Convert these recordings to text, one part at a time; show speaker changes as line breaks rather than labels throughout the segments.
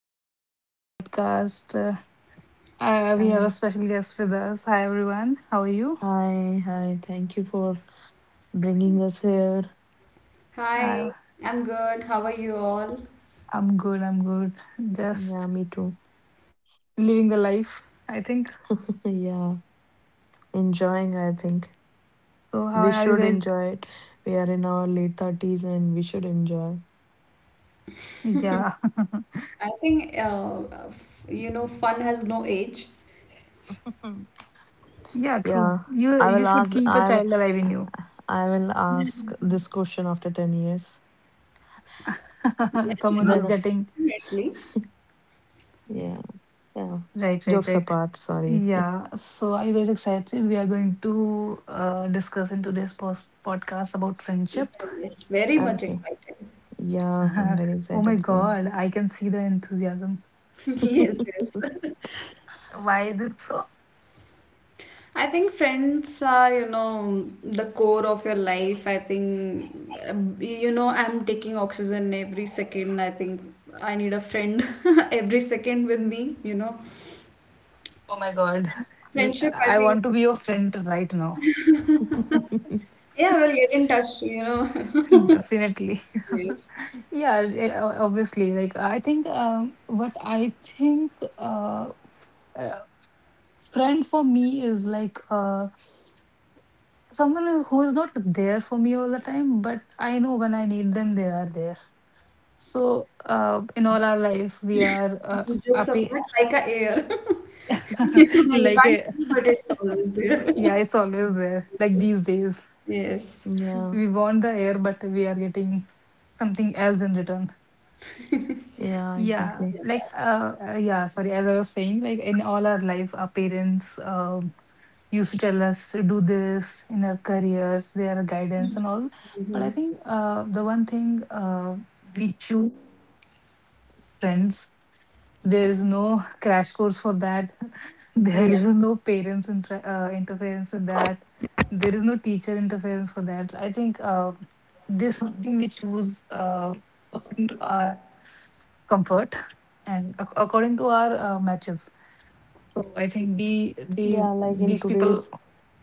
Welcome to my
Hi,
podcast. We have a
Hi!
special guest with us. Hi, everyone. How are you?
Hi. Thank you for bringing us here.
Hi,
Uh,
I'm good. How are you all?
I'm good. I'm good.
Yeah,
Just
me too.
living the life, I think.
Yeah, enjoying, I think.
So, how
We
are you
should
guys?
enjoy it. We are in our late 30s and we should enjoy.
Yeah,
I think fun has no age.
Mhm.
yeah, true.
Yeah,
You
I
you
will
should
ask,
keep a
I will,
child alive in you.
I will ask this question after 10 years.
Yeah,
Someone
yeah,
is
Then,
getting
definitely.
yeah, yeah.
right, right,
Jokes
right.
apart, sorry.
Yeah. So, are you guys excited? We are going to discuss in today's post podcast about
Yeah,
friendship.
Yes, very much
Okay.
excited.
Yeah, I'm very
Oh my
excited soon.
god, I can see the enthusiasm.
Yes, yes.
Why is it so?
I think friends are, you know, the core of your life. I think, you know, I'm taking oxygen every second. I think I need a friend every second with me, you know.
Oh my god,
Friendship, I
I
think,
want to be your friend right now.
yeah, we'll get in touch, you know.
Definitely.
Yes.
Yeah, obviously. Like, I think what I think uh, f- uh, friend for me is like someone who is not there for me all the time, but I know when I need them, they are there. So, in all our life, we are
Jokes
happy
apart, like a air. You
like
can't see, but it's always there.
yeah, it's always there like
Yes.
these days
Yes.
Yeah,
we want the air, but we are getting something else in return.
yeah,
Yeah,
exactly.
like yeah, sorry, as I was saying, like in all our life our parents used to tell us to do this in our careers, their guidance and all, but I think the one thing we choose friends. There is no crash course for that.
Yeah.
There is no parents interference with that. There is no teacher interference for that. So I think there's something we choose according to our comfort and ac according to our matches. So I think the
Yeah, like in
these people
today's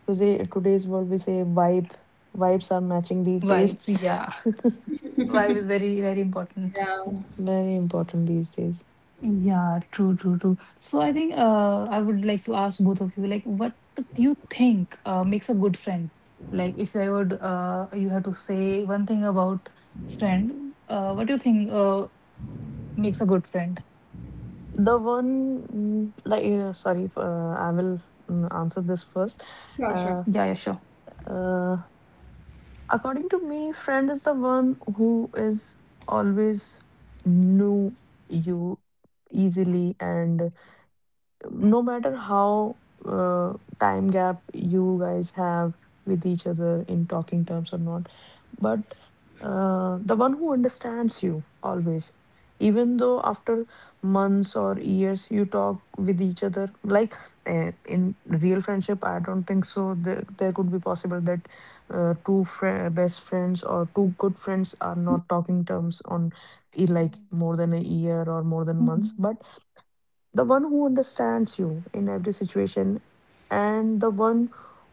today today's world, we say vibe. Vibes are matching these days.
vibes, yeah, vibe is very very important.
Yeah.
Very important these days.
Yeah, true, true, true. So I think I would like to ask both of you, like, what do you think makes a good friend? Like, if I would, you have to say one thing about friend, what do you think makes a good friend?
The one, mm, like, sorry, f- I will answer this first.
Sure, sure.
Uh,
Yeah, yeah, sure.
uh, according to me, friend is the one who is always knew you easily, and no matter how uh, time gap you guys have with each other in talking terms or not, but the one who understands you always, even though after months or years you talk with each other, like in real friendship, I don't think so there could be possible that two fri best friends or two good friends are not talking terms on like
Mm,
more than a year or more than months,
mm.
but the one who understands you in every situation, and the one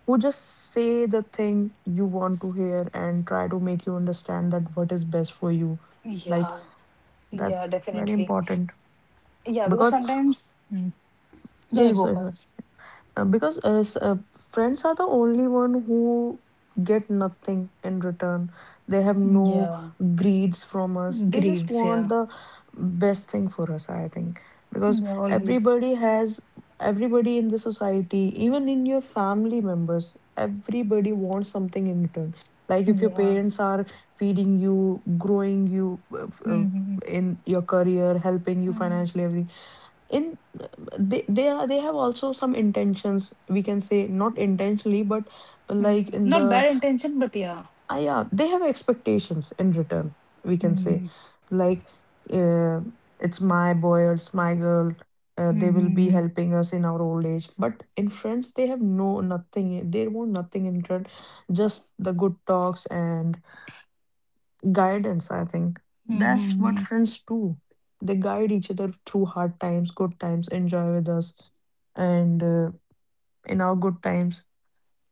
who just say the thing you want to hear and try to make you understand that what is best for you, like
Yeah, yeah,
that's very
definitely.
important
Yeah, because
because
sometimes, mm. Yeah, you
yes.
go first.
Uh, because uh, s- uh, friends are the only one who get nothing in return. They have no
Yeah,
greeds from us. They just
greeds,
want
yeah,
the best thing for us, I think, because
yeah, always,
everybody has, everybody in the society, even in your family members, everybody wants something in return. Like if your
yeah.
parents are feeding you, growing you,
Mm-hmm.
in your career, helping you financially, everything, in, they have also some intentions, we can say, not intentionally, but like
Mm-hmm.
in
Not
the,
bad intention, but
ah yeah, they have expectations in return, we can say,
yeah.
like uh, it's my boy or it's my girl. They will be
Mm-hmm.
helping us in our old age, but in friends, they have no nothing, they want nothing in return, just the good talks and guidance, I think. That's what
Mm-hmm.
friends do. They guide each other through hard times, good times, enjoy with us. And in our good times,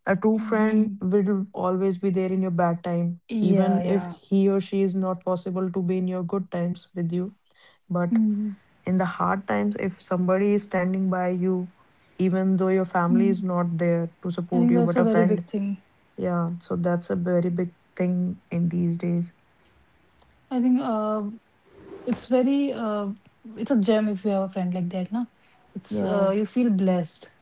a true friend
Mm-hmm.
will always be there in your bad time,
Yeah,
even if
yeah.
he or she is not possible to be in your good times with you. But
Mm-hmm.
in the hard times, if somebody is standing by you, even though your family is
Mm.
not there to
I
support
think
you,
that's
but
a
a
very big
friend,
thing.
yeah, so that's a very big thing in these days.
I think it's very it's a gem if you have a friend like that, na? It's
Yeah,
you feel blessed.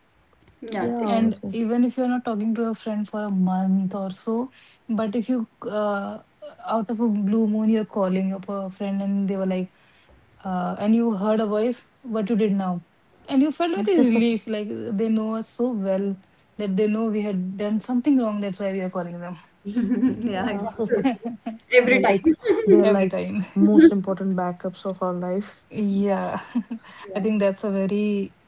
Yeah,
yeah,
And
obviously.
even if you're not talking to a friend for a month or so, but if you out of a blue moon you're calling up a friend and they were like, and you heard a voice, what you did now. And you felt very relief, like they know us so well that they know we had done something wrong. That's why we are calling them.
exactly. Yeah,
Yeah,
exactly. Totally. Every
they're like
time.
they're
Every
like
time.
most important backups of our life.
Yeah, I
Yeah.
think that's a very,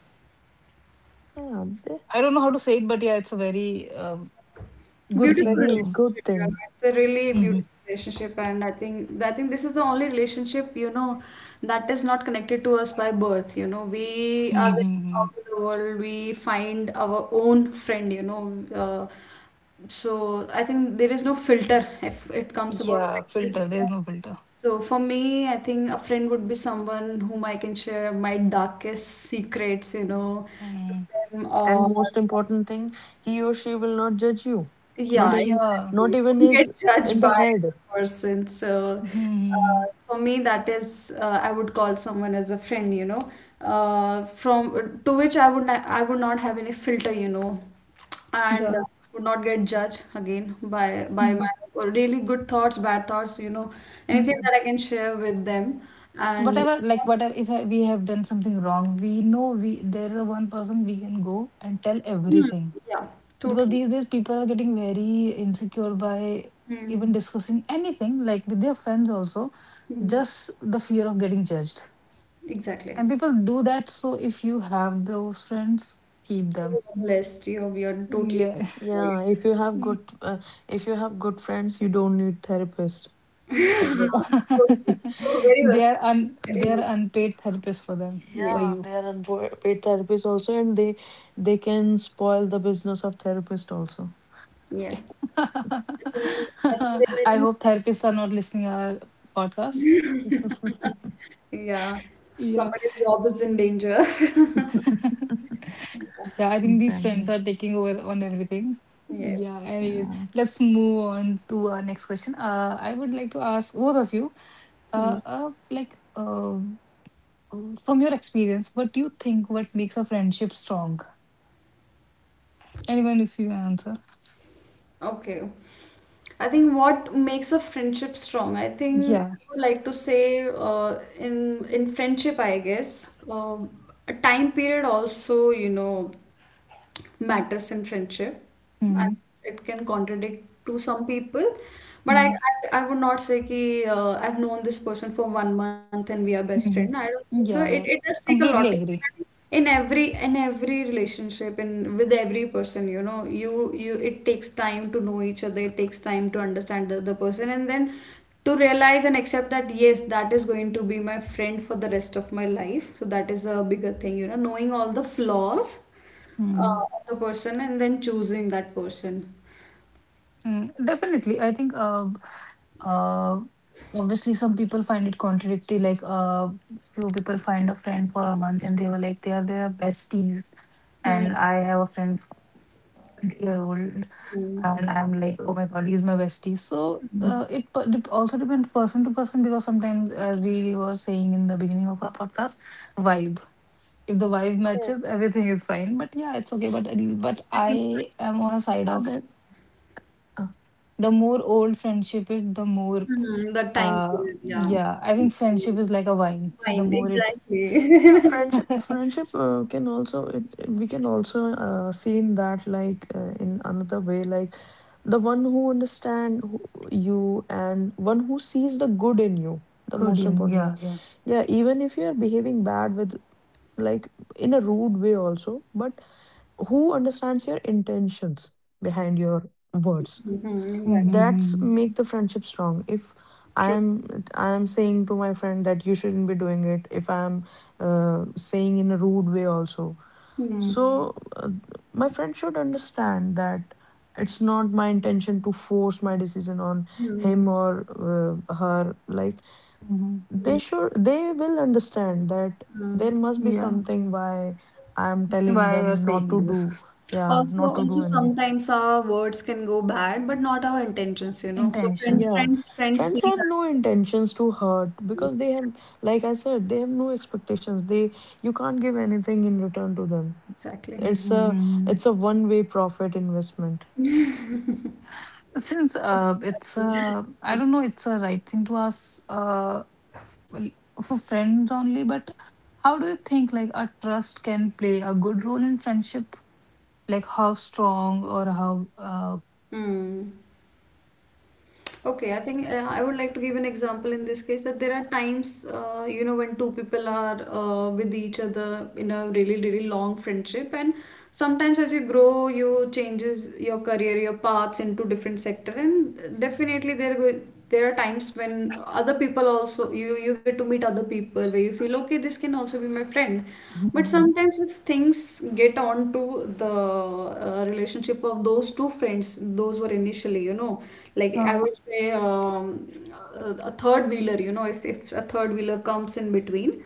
Yeah, they-
I don't know how to say it, but yeah, it's a very good
it's
Beautiful
thing
very
to.
relationship,
good
you know.
thing.
It's a really beautiful
Hmm.
relationship, and I think this is the only relationship, you know, that is not connected to us by birth. You know, we are
Hmm.
out of the world. We find our own friend. You know. So I think there is no filter if it comes about
Yeah,
friendship. You
filter.
know.
There's no filter.
So for me, I think a friend would be someone whom I can share my darkest secrets, you know, to
Mm.
them,
And
or
most important thing, he or she will not judge you. Not
yeah,
even
Yeah.
not
exactly.
even
Don't get
is
judged
in the
by the
head.
person. So,
Hmm.
uh, for me, that is, I would call someone as a friend, you know, from to which I would not have any filter, you know, and
Yeah.
would not get judged again by my really good thoughts, bad thoughts, you know, anything
Hmm.
that I can share with them, and
Whatever, like, whatever, if I, we have done something wrong, we know we there is one person we can go and tell
Hmm,
everything,
yeah,
because
totally.
these days people are getting very insecure by even
Hmm.
discussing anything like with their friends also,
Hmm.
just the fear of getting judged,
Exactly.
and people do that. So if you have those friends, keep them,
You're blessed. You're totally
yeah.
blessed.
Yeah, if you have good if you have good friends, you don't need therapist.
Yeah, so true. So very well
they are
said.
un
Very
they
well
are unpaid therapists for them,
said.
for
Yeah,
Yes.
you.
they are unpaid therapists also, and they can spoil the business of therapist also.
Yeah. I think I think that I
I
think,
hope therapists are not listening our podcast.
Yeah.
Yeah.
Somebody's job is in danger.
Yeah, I think these friends
Exactly.
are taking over on everything.
Yes.
Yeah, anyways, let's move on to our next question. I would like to ask both of you, uh,
Hmm.
uh like uh, from your experience, what do you think what makes a friendship strong? Anyone, if you answer.
Okay. I think what makes a friendship strong, I think
Yeah.
I would like to say in friendship, I guess, a time period also, you know, matters in friendship. And
Mm-hmm.
it can contradict to some people, but I would not say कि, I've known this person for 1 month and we are best friend. I don't think so.
Mm-hmm.
It
Yeah,
it
yeah.
does take a lot of
Completely agree.
time in every relationship in with every person you know you you it takes time to know each other, it takes time to understand the other person and then to realize and accept that, yes, that is going to be my friend for the rest of my life. So that is a bigger thing, you know, knowing all the flaws
Mm-hmm.
of the person and then choosing that person.
Mm, definitely. I think uh, obviously some people find it contradictory. Like few people find a friend for a month and they were like they are their besties,
Hmm.
and I have a friend for year old,
Hmm.
Mm,
and I'm like oh my god he's my bestie. So
Hmm.
mm.
also depends person to person, because sometimes, as we were saying in the beginning of our podcast, vibe. If the vibe
Yeah,
matches, everything is fine. But yeah, it's okay. But
I think
I am on a side
yeah,
of
that. uh,
the more old friendship is, the more
hmm, the time period, yeah.
yeah, I think friendship is like a wine. The
Time,
more it
Yeah,
exactly.
friendship, friendship uh, can also we can also see in that, like in another way, like the one who understand who, you, and one who sees the good in you. The
good
most
you know,
important
yeah,
thing,
yeah.
yeah. Even if you are behaving bad with, like in a rude way also, but who understands your intentions behind your
Hmm,
words?
hmm, hmm, exactly.
That's
Mm-hmm.
make the friendship strong if i
True.
am I am saying to my friend that you shouldn't be doing it, if I am saying in a rude way also,
Hmm.
Mm-hmm.
so my friend should understand that it's not my intention to force my decision on
Hmm.
him or her, like
Hmm.
they should, they will understand that
Hmm.
there must be
Yeah.
something why I'm telling
Why
them
you're
not
saying
to do,
this?
yeah,
Also,
not to do
also
anything.
sometimes our words can go bad, but not our intentions, you know. So friend,
Intentions.
Yeah,
friends, friends
friends
see
have no
that
intentions to hurt
thing.
because they have, like I said, they have no expectations. They, you can't give anything in return to them.
Exactly.
It's
Mm-hmm.
a
Mm-hmm.
it's a one-way profit investment.
Since it's I don't know, it's a right thing to ask well, for friends only, but how do you think like a trust can play a good role in friendship? Like how strong or how
Hmm. Okay, I think I would like to give an example in this case that there are times, you know, when two people are with each other in a really, really long friendship, and sometimes as you grow, you changes your career, your paths into different sector, and definitely there are times when other people also you get to meet other people where you feel okay, this can also be my friend, but
mm.
sometimes if things get on to the relationship of those two friends, those were initially, you know, like I
Huh,
would say a third wheeler, you know, if a third wheeler comes in between.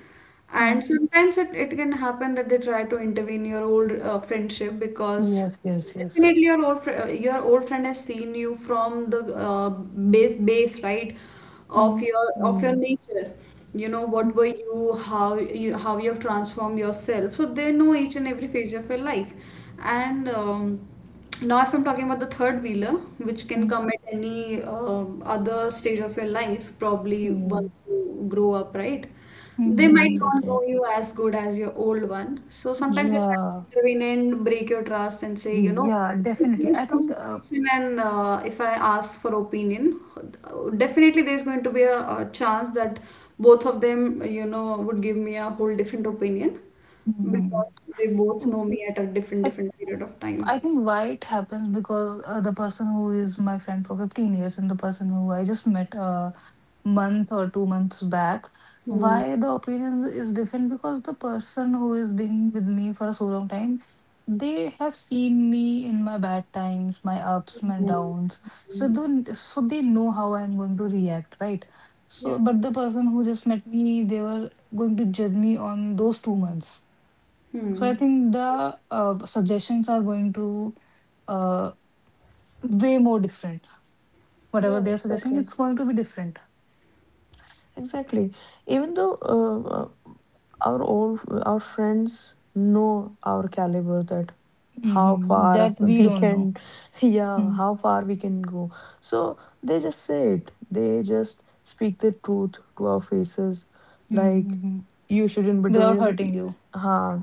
huh.
And sometimes it, it can happen that they try to intervene your old friendship because
Yes, yes, yes.
definitely, your your old friend has seen you from the base right
Mm,
of your
Mm-hmm.
nature. You know what were
mm,
you, how you have transformed yourself. So they know each and every phase of your life, and now, if I'm talking about the third wheeler, which can
mm,
come at any other stage of your life, probably once you grow up, right?
mm,
They
mm,
Yeah,
might
it's
mm.
not
okay.
know you as good as your old one. So sometimes they try
Yeah,
to intervene and break your trust and say, you know,
yeah,
if there
definitely.
is
I
some
think
situation and if I ask for opinion, definitely there's going to be a chance that both of them, you know, would give me a whole different opinion
mm,
because they both know me at a different
I,
different period of time.
I think why it happens, because the person who is my friend for 15 years and the person who I just met month or 2 months back,
Hmm,
why the opinion is different, because the person who is being with me for so long time, they have seen me in my bad times, my ups, my
hmm,
downs,
hmm.
so they know how I'm going to react, right? So
Yeah.
but the person who just met me, they were going to judge me on those 2 months. So
Hmm.
I think the suggestions are going to uh, way more different, whatever
Yeah,
they are suggesting,
exactly.
it's going to be different.
Exactly. Even though our friends know our caliber, that how
Hmm, that
far
we
we
don't know.
can, yeah,
Hmm.
how far we can go, so they just say it, they just speak the truth to our faces, like
Mm-hmm.
you shouldn't be
Without
doing,
hurting you.
huh,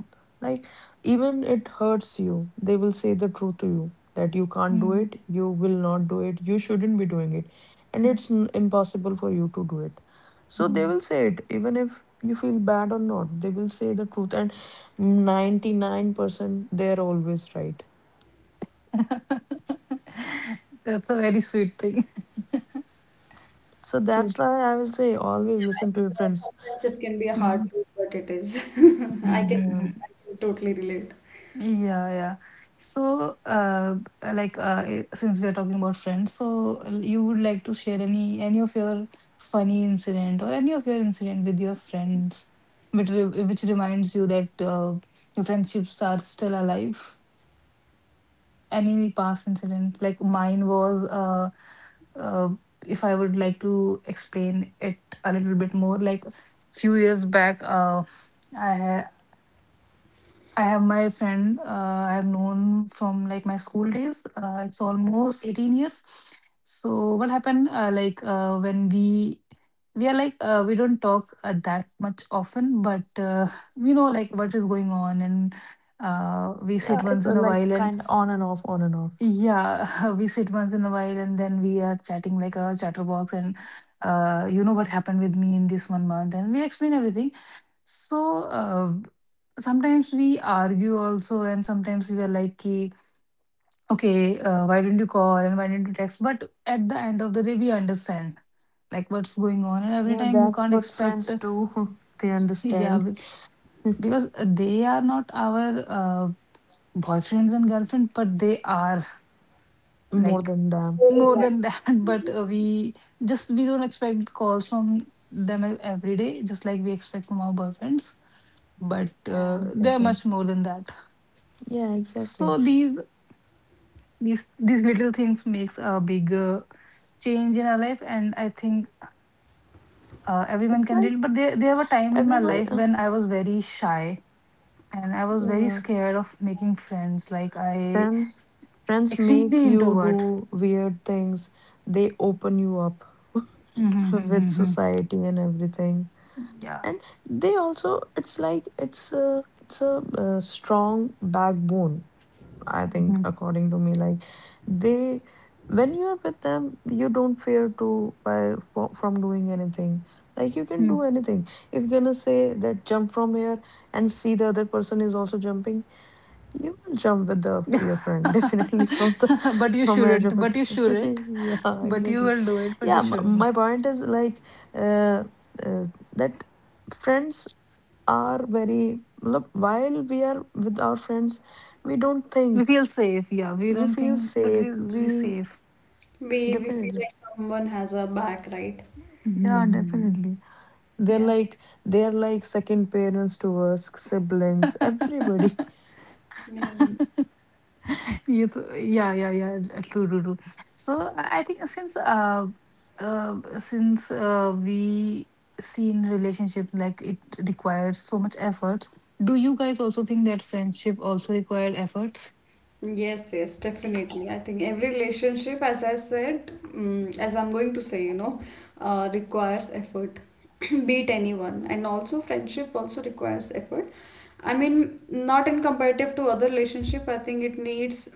like even it hurts you, they will say the truth to you, that you can't do
Mm-hmm.
it, you will not do it, you shouldn't be doing it, and it's impossible for you to do it, so they
Mm-hmm.
will say it, even if you feel bad or not, they will say the truth, and 99% they're always right.
That's a very sweet thing.
So
True.
that's why I will say always
Yeah,
listen to your
it's,
friends.
sometimes it can be a hard
Mm-hmm.
truth, but it is. I can
Yeah,
I can totally relate.
Yeah, yeah. So, like, since we are talking about friends, so you would like to share any of your funny incident or any of your incident with your friends, which which reminds you that your friendships are still alive. Any past incident, like mine was uh if I would like to explain it a little bit more, like few years back i ha- I have my friend I have known from like my school days, it's almost 18 years. So what happened when we are like we don't talk that much often, but we know like what is going on, and we
yeah,
sit
it's
once
a,
in a
like
while and
kind of on and off, on and off.
yeah, we sit once in a while, and then we are chatting like a chatterbox, and you know what happened with me in this 1 month, and we explain everything. So sometimes we argue also, and sometimes we are like, ki, okay, why didn't you call and why didn't you text? But at the end of the day, we understand like what's going on, and every
Yeah,
time you
that's
can't
what
expect,
friends do. They
yeah,
understand.
because they are not our boyfriends and girlfriend, but they are
More
like
than them.
Feel
more
that.
than that. But we just, we don't expect calls from them every day just like we expect from our boyfriends, but
Yeah,
they're
exactly.
much more than that.
Yeah, exactly.
So these these little things makes a big change in our life, and I think everyone
It's
can relate.
like
But there were time in my
everybody.
life when I was very shy, and I was very
Yeah,
scared of making friends, like I
friends. Friends
extremely
make you
introvert.
do weird things. They open you up with
Yeah.
society and everything, and they also, it's like it's a uh, strong backbone, I think,
Mm-hmm,
according to me, like they, when you are with them, you don't fear to by for, from doing anything, like you can
yeah.
do anything. If you're gonna say that jump from here and see the other person is also jumping, you will jump with the your friend, definitely, from the,
But you
from edge
shouldn't.
of a
But you
cliff.
shouldn't.
Yeah,
But you
exactly.
will do it. But you
Yeah,
shouldn't.
my point is like uh, uh, that friends are very look, while we are with our friends, we don't
We
think,
feel safe. Yeah, we
we
don't
feel
think, but
safe.
we
We
safe.
We feel
definitely,
like someone has our back, right?
yeah,
Hmm.
definitely. they're
Yeah.
like they're like second parents to us, siblings, everybody.
Yeah.
Yeah, yeah, yeah, true, true, true. So I think uh since we see in relationship like it requires so much effort. Do you guys also think that friendship also required efforts?
Yes, yes, definitely. I think every relationship, as I said, mm, as I'm going to say, you know, requires effort. Beat anyone, and also friendship also requires effort. I mean, not in comparative to other relationship. I think it needs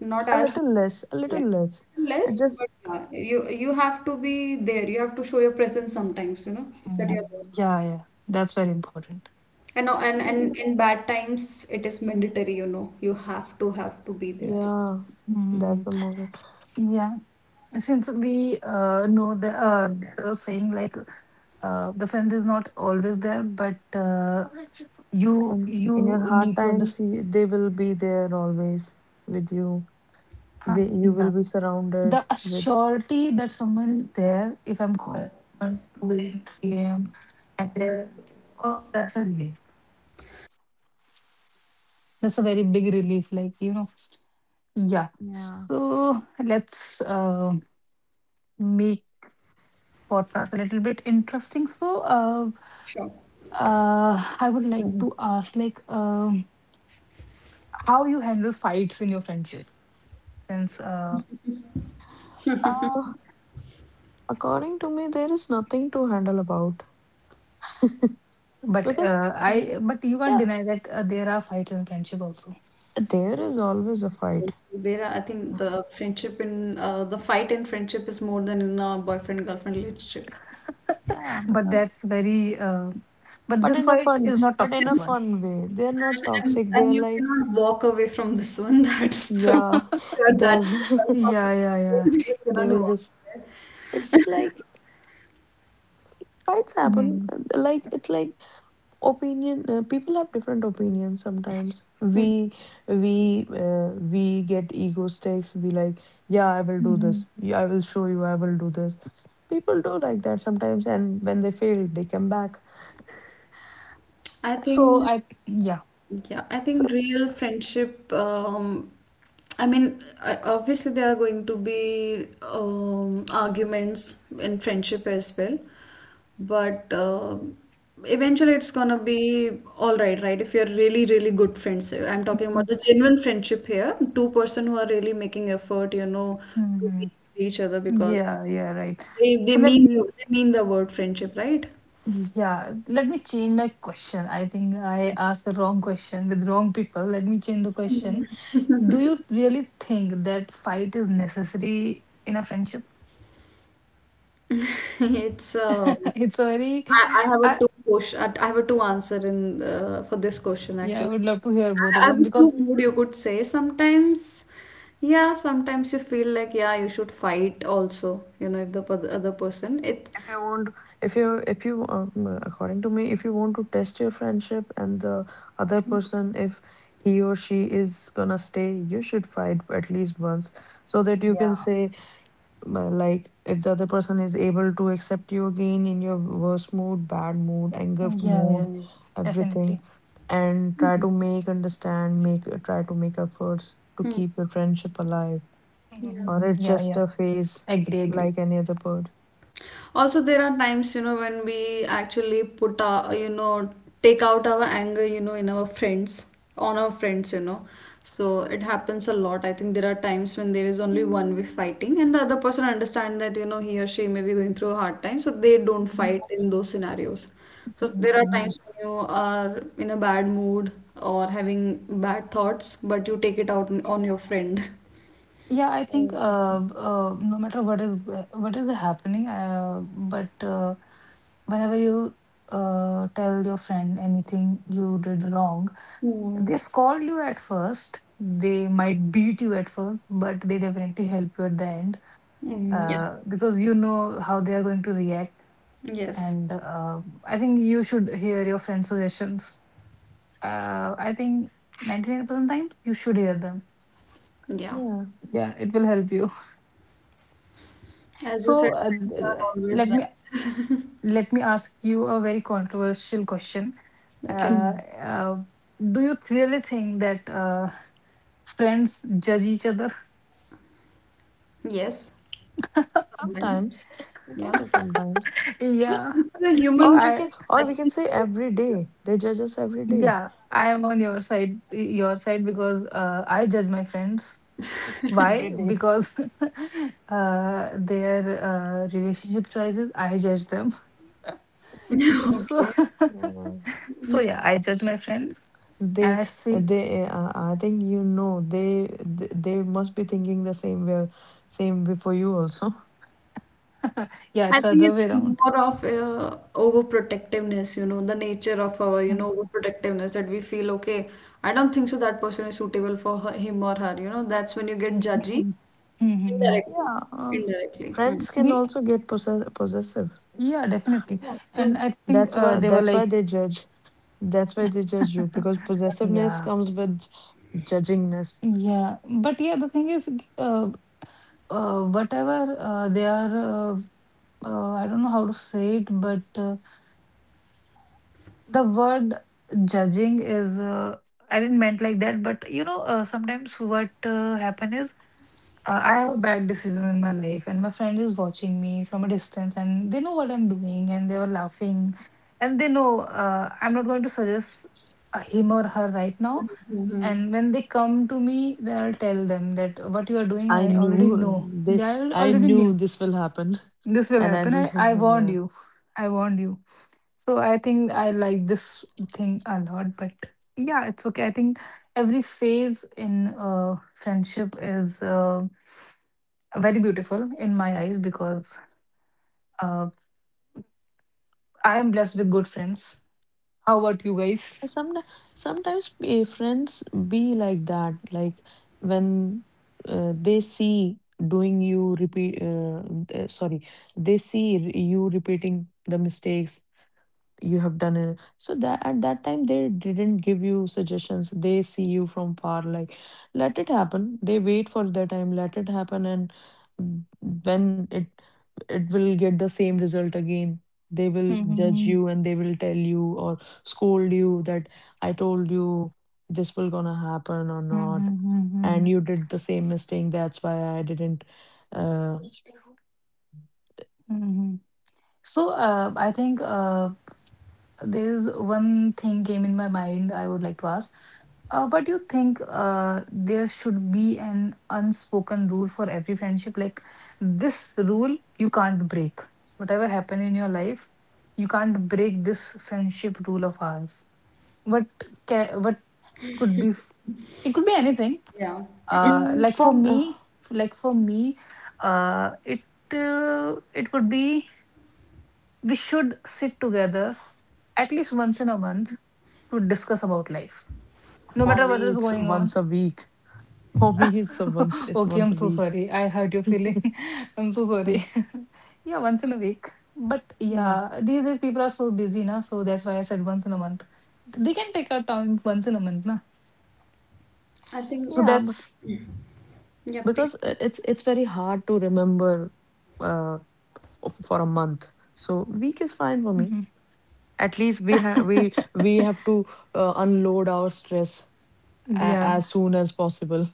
not
A
as much,
little less, a
yeah,
little less. It
less, but
just,
yeah, you have to be there. You have to show your presence sometimes. You know that
Mhm.
you're there.
Yeah, yeah, that's very important.
And uh, and
yeah.
and in bad times, it is mandatory. You know, you have to be there.
Yeah,
Mm,
that's the movie.
yeah, since we know the saying like the friend is not always there, but you
And in your
you
hard
need to
times,
understand
they will be there always with you. They, you will
yeah,
be surrounded
the
with.
surety that someone is there. If I'm calling at 2 a.m. and they're- oh, that's a relief. That's a very big relief. Like you know, yeah.
Yeah.
So let's make podcast a little bit interesting. So,
Sure.
I would like to
Mhm.
ask, like, how you handle fights in your friendship? Since,
Uh, According to me, there is nothing to handle about
but
because,
but you can't
yeah,
deny that there are fights in friendship also.
there is always a fight.
There are, I think the friendship in the fight in friendship is more than in a boyfriend girlfriend relationship.
Yeah,
But
because,
that's very, but
but
this
in a
fight
fun,
is not
but in a
toxic one.
fun way. They're not
And, and
toxic. They're
and you
like,
cannot walk away from this one. That's the
yeah,
that's
there's.
the curse of the
Yeah, yeah, yeah.
friendship. You
They
cannot
will
walk
just.
away.
It's like fights happen.
Hmm.
Like it's like opinion, people have different opinions, sometimes we, we get ego stakes, we like, yeah, I will do this, yeah, I will show you, I will do this. People do like that sometimes, and when they fail they come back.
I
So
think
I, yeah.
yeah, I think
So
real friendship. I mean, I- obviously there are going to be arguments in friendship as well, but eventually it's gonna be all right, right? If you're really, really good friends, I'm talking about the genuine friendship here. Two-person who are really making effort, you know, to
Hmm.
be with each other because
Yeah, yeah, right.
they they
So let
mean the, they mean the word friendship, right?
Yeah, let me change my question. I think I asked the wrong question with wrong people. Let me change the question. Do you really think that fight is necessary in a friendship?
It's
It's a very,
I have a
I,
two question. Uh, I have a two answer in for this question
yeah, I
actually.
would love to hear both of
I have
them,
a two
because,
mood you could say. Sometimes, yeah, sometimes you feel like, yeah, you should fight also. You know, if the other person it
if you want, if you according to me, if you want to test your friendship, and the other person, if he or she is gonna stay, you should fight at least once, so that you can
yeah,
say, like if the other person is able to accept you again in your worst mood, bad mood, anger
yeah, yeah,
mood,
yeah,
everything,
definitely.
and try to make understand, make, try to make efforts to keep your friendship alive, or
Mhm.
it's
Yeah,
just
yeah,
a phase
agree, agree.
like any other bird.
also, there are times, you know, when we actually put our, you know, take out our anger, you know, in our friends, on our friends, you know. So it happens a lot. I think there are times when there is only one way fighting and the other person understand that, you know, he or she may be going through a hard time, so they don't fight in those scenarios. So there are
Mhm.
times when you are in a bad mood or having bad thoughts, but you take it out on your friend.
Yeah, I think uh,
Exactly,
uh, no matter what is happening, but whenever you tell your friend anything you did wrong,
Mm.
they scold you at first. They might beat you at first, but they definitely help you at the end
Mm, yeah.
because you know how they are going to react.
Yes.
And I think you should hear your friend's suggestions. I think 99% times you should hear them.
Yeah.
yeah.
Yeah, it will help you.
As you said,
So uh,
friends are
th-
always right.
let me ask you a very controversial question. Uh,
Okay.
Hmm.
uh, do you really think that friends judge each other?
Yes. Sometimes.
sometimes we can
Yeah.
say sometimes,
Yeah.
It's a
See,
human
or
nature.
I
I
we
think
can
it's
say
a
every
human
day they judge us, every day,
yeah, I am on your side because I judge my friends.
every
Why?
day.
Because their relationship choices, I judge them.
nature.
So,
Okay.
Yeah.
so yeah, I judge my friends and I
They,
see,
I think you know, they must be thinking the same way, same way for you also.
yeah,
I
it's
think
other way
it's
around.
more of overprotectiveness, you know, the nature of our, you know,
Mhm,
overprotectiveness that we feel, okay, I don't think so that person is suitable for her, him or her, you know, that's when you get judgy
mhm, mhm.
indirectly.
Yeah,
Indirectly. Hmm.
friends can
We,
also get possessive.
yeah, definitely.
Yeah,
And
true.
I think
That's
they
why,
were
that's
like,
why they judge. That's why they judge you, because possessiveness
yeah,
comes with judgingness.
yeah. But yeah, the thing is, uh, whatever they are, I don't know how to say it, but the word judging is, I didn't meant like that, but you know, sometimes what happen is I have a bad decision in my life, and my friend is watching me from a distance, and they know what I'm doing, and they were laughing, and they know I'm not going to suggest him or her right
Yeah.
now.
Mhm.
And when they come to me, then I'll tell them that what you are doing,
I
I already
knew
know.
they,
Yeah,
I
already
knew
knew
this will happen,
this will
and I
happen. I,
didn't.
I warned
Yeah.
you. I warned you. So I think I like this thing a lot, but yeah, it's okay. I think every phase in friendship is. Very beautiful in my eyes because uh, I am blessed with good friends. How about you guys?
Sometimes, sometimes friends be like that. Like when they see doing you repeat, sorry, they see you repeating the mistakes you have done it, so that at that time they didn't give you suggestions, they see you from far, like let it happen, they wait for their time, let it happen, and when it will get the same result again, they will
Hmm,
judge
hmm,
you and they will tell you or scold you that I told you this will gonna happen or not,
hmm,
and you did the same mistake, that's why I didn't, uh,
hmm. So I think there is one thing came in my mind I would like to ask. But you think there should be an unspoken rule for every friendship? Like this rule you can't break. Whatever happened in your life, you can't break this friendship rule of ours. What what could be it could be anything
Yeah.
mm,
like for
from
me, like for me, uh it it would be we should sit together at least once in a month to discuss about life, no
for
matter what is
me it's
going on.
once a week. For me, it's a once it's
Okay, I'm
once a
so
week.
sorry I hurt your feeling. I'm so
Mm.
sorry. Yeah, once in a week, but
Yeah,
yeah, these people are so busy now, so that's why I said once in a month. They can take out time once in a month na.
I think,
So
yeah, b-
that's
yeah, please.
because it's very hard to remember uh for a month. So week is fine for me.
Mhm.
At least we have, we have to unload our stress a
yeah.
as soon as possible.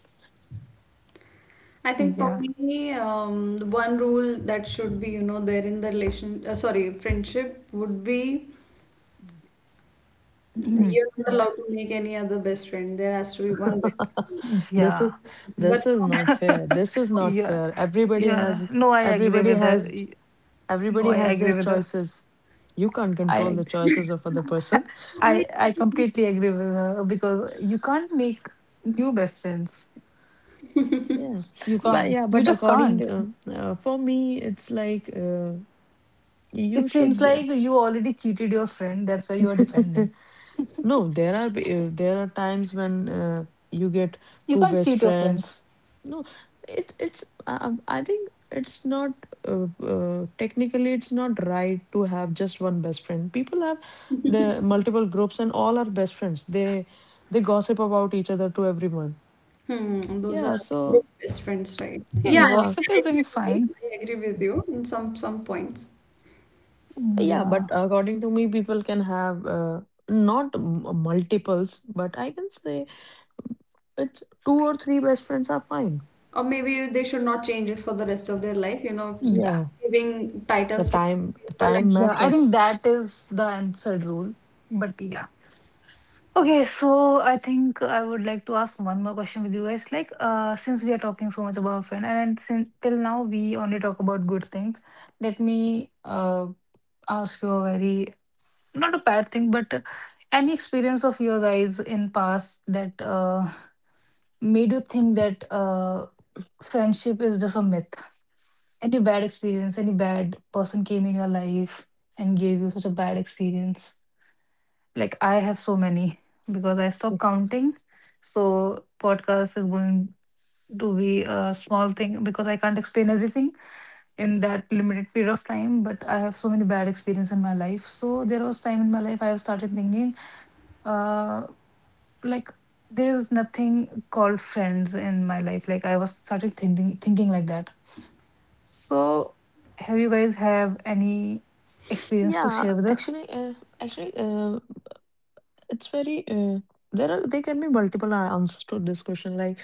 I think for
Yeah.
me, one rule that should be, you know, there in the sorry, friendship would be
Mhm.
you're not
Yeah.
allowed to make any other best friend. There has to be one best friend.
This
Yeah.
is, this
But
is
no
not
best
fair. This is not
friends
Yeah.
fair. Everybody
Yeah.
has
No, I agree
everybody
with her.
has
Y- No,
everybody
I
has
agree
their
with her.
choices. You can't
I
control the
ag-
choices of other person.
for all. I mean,
I completely agree with her because you can't make new best friends.
Yeah,
You can't.
yeah,
You
but
just
according
can't.
to for me, it's like you
It seems
should.
like you already cheated your friend, that's why you are defending.
No, there are times when you get
You
two
can't
best
cheat your
friends.
friends.
No, it, it's I think it's not technically it's not right to have just one best friend. People have the multiple groups and all are best friends. They gossip about each other to everyone.
hmm, those are
Yeah, so.
group best friends, right?
Yeah,
Yeah, I
Yeah.
think
gossip
I
is
agree
doing
with you.
fine.
I agree with you in some points.
Yeah, but
Yeah.
according to me, people can have not multiples, but I can say it's two or three best friends are fine.
Or maybe they should not change it for the rest of their life, you know,
Yeah.
Yeah,
giving
the
titles to people like
time
Yeah. I think
matters.
that is the answered rule. But yeah. Okay, so I think I would like to ask one more question with you guys. Like, since we are talking so much about friend, and since till now we only talk about good things, let me ask you a very not a bad thing, but any experience of your guys in past that made you think that friendship is just a myth? Any bad experience? Any bad person came in your life and gave you such a bad experience? Like I have so many because I stopped counting. So podcast is going to be a small thing because I can't explain everything in that limited period of time, but I have so many bad experience in my life. So there was time in my life I have started thinking uh like there is nothing called friends in my life. Like I was started thinking like that. So have you guys have any experience to
Yeah,
share with us?
actually, actually, uh, it's very. There are, there can be multiple answers to this question. Like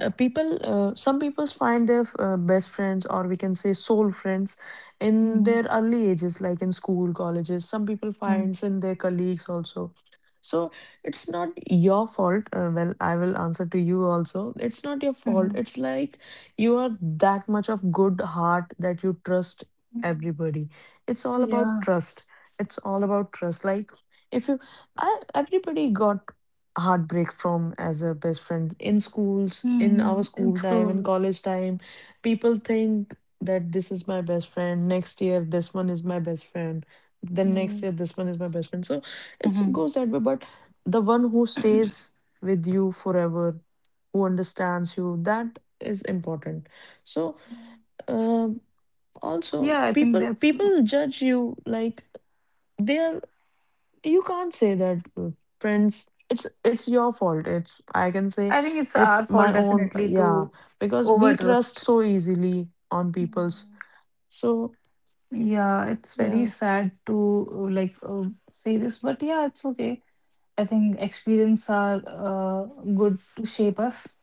people, some people find their best friends, or we can say soul friends, in
Hmm,
their early ages, like in school, colleges, some people finds in their colleagues also. So it's not your fault, well, I will answer to you also, it's not your fault,
hmm,
it's like you are that much of good heart that you trust
hmm.
everybody. It's all about trust, it's all about trust, like if you, I, everybody got heartbreak from as a best friend in schools, in our
Mm, in
school time, in
schools.
college time. People think that this is my best friend. Next year, this one is my best friend. Then next
Mm,
year, this one is my best friend. So it
mhm.
goes that way. But the one who stays with you forever, who understands you, that is important. So um, also,
Yeah, I think
people,
that's,
people judge you like they are, you can't say that, friends. It's your fault. It's, I can say
I think it's
it's
our fault
my own.
definitely
Yeah,
to
because we trust
overtrust.
so easily on people's.
Mhm.
So
Yeah, it's very
yeah,
sad to say this, but yeah, it's okay. I think experience are good to shape us,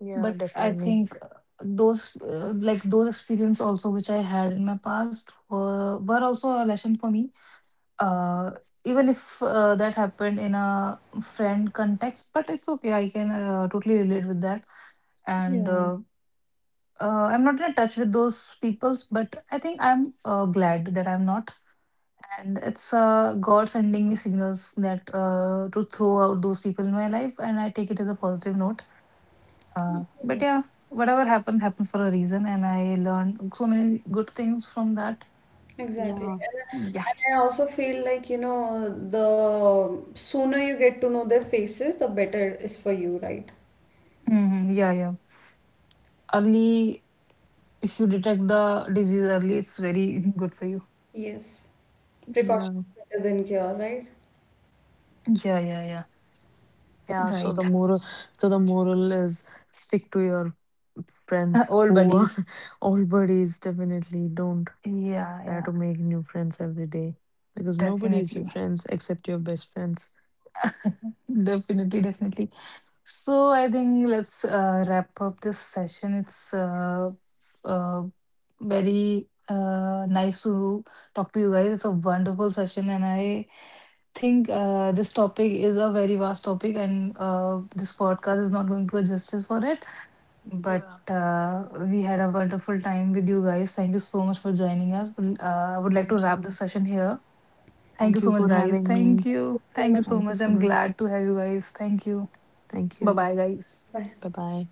yeah,
but I
definitely.
think those like those experience also which I had in my past were also a lesson for me, uh, even if that happened in a friend context, but it's okay. I can totally relate with that. And
Yeah.
I'm not in touch with those peoples, but I think I'm glad that I'm not. And it's God sending me signals that to throw out those people in my life, and I take it as a positive note. But yeah, whatever happened happened for a reason, and I learned so many good things from that.
exactly.
Yeah.
Yeah,
And I also feel like, you know, the sooner you get to know their faces, the better is for you, right?
hmm, yeah, yeah, early. If you detect the disease early, it's very good for you.
Yes. Precaution
Yeah,
is better than cure, right?
Yeah, yeah, yeah.
yeah.
Right.
So the moral is stick to your friends
Old
who are
buddies.
old buddies. Definitely don't
Yeah,
try
yeah.
to make new friends every day, because nobody is your
Definitely.
friends except your best friends.
Definitely, definitely. So I think let's wrap up this session. It's uh, very nice to talk to you guys. It's a wonderful session, and I think this topic is a very vast topic, and this podcast is not going to do justice for it. But
Yeah.
we had a wonderful time with you guys. Thank you so much for joining us. Well, I would like to
Thank
wrap
you.
this session here. Thank
Thank
you so
you
much,
for
guys.
having
Thank
me.
you. Thank you so
Thank you,
much.
so
I'm
much.
glad to have you guys. Thank you.
Thank
Bye
you.
bye, guys.
Bye
Right.
bye.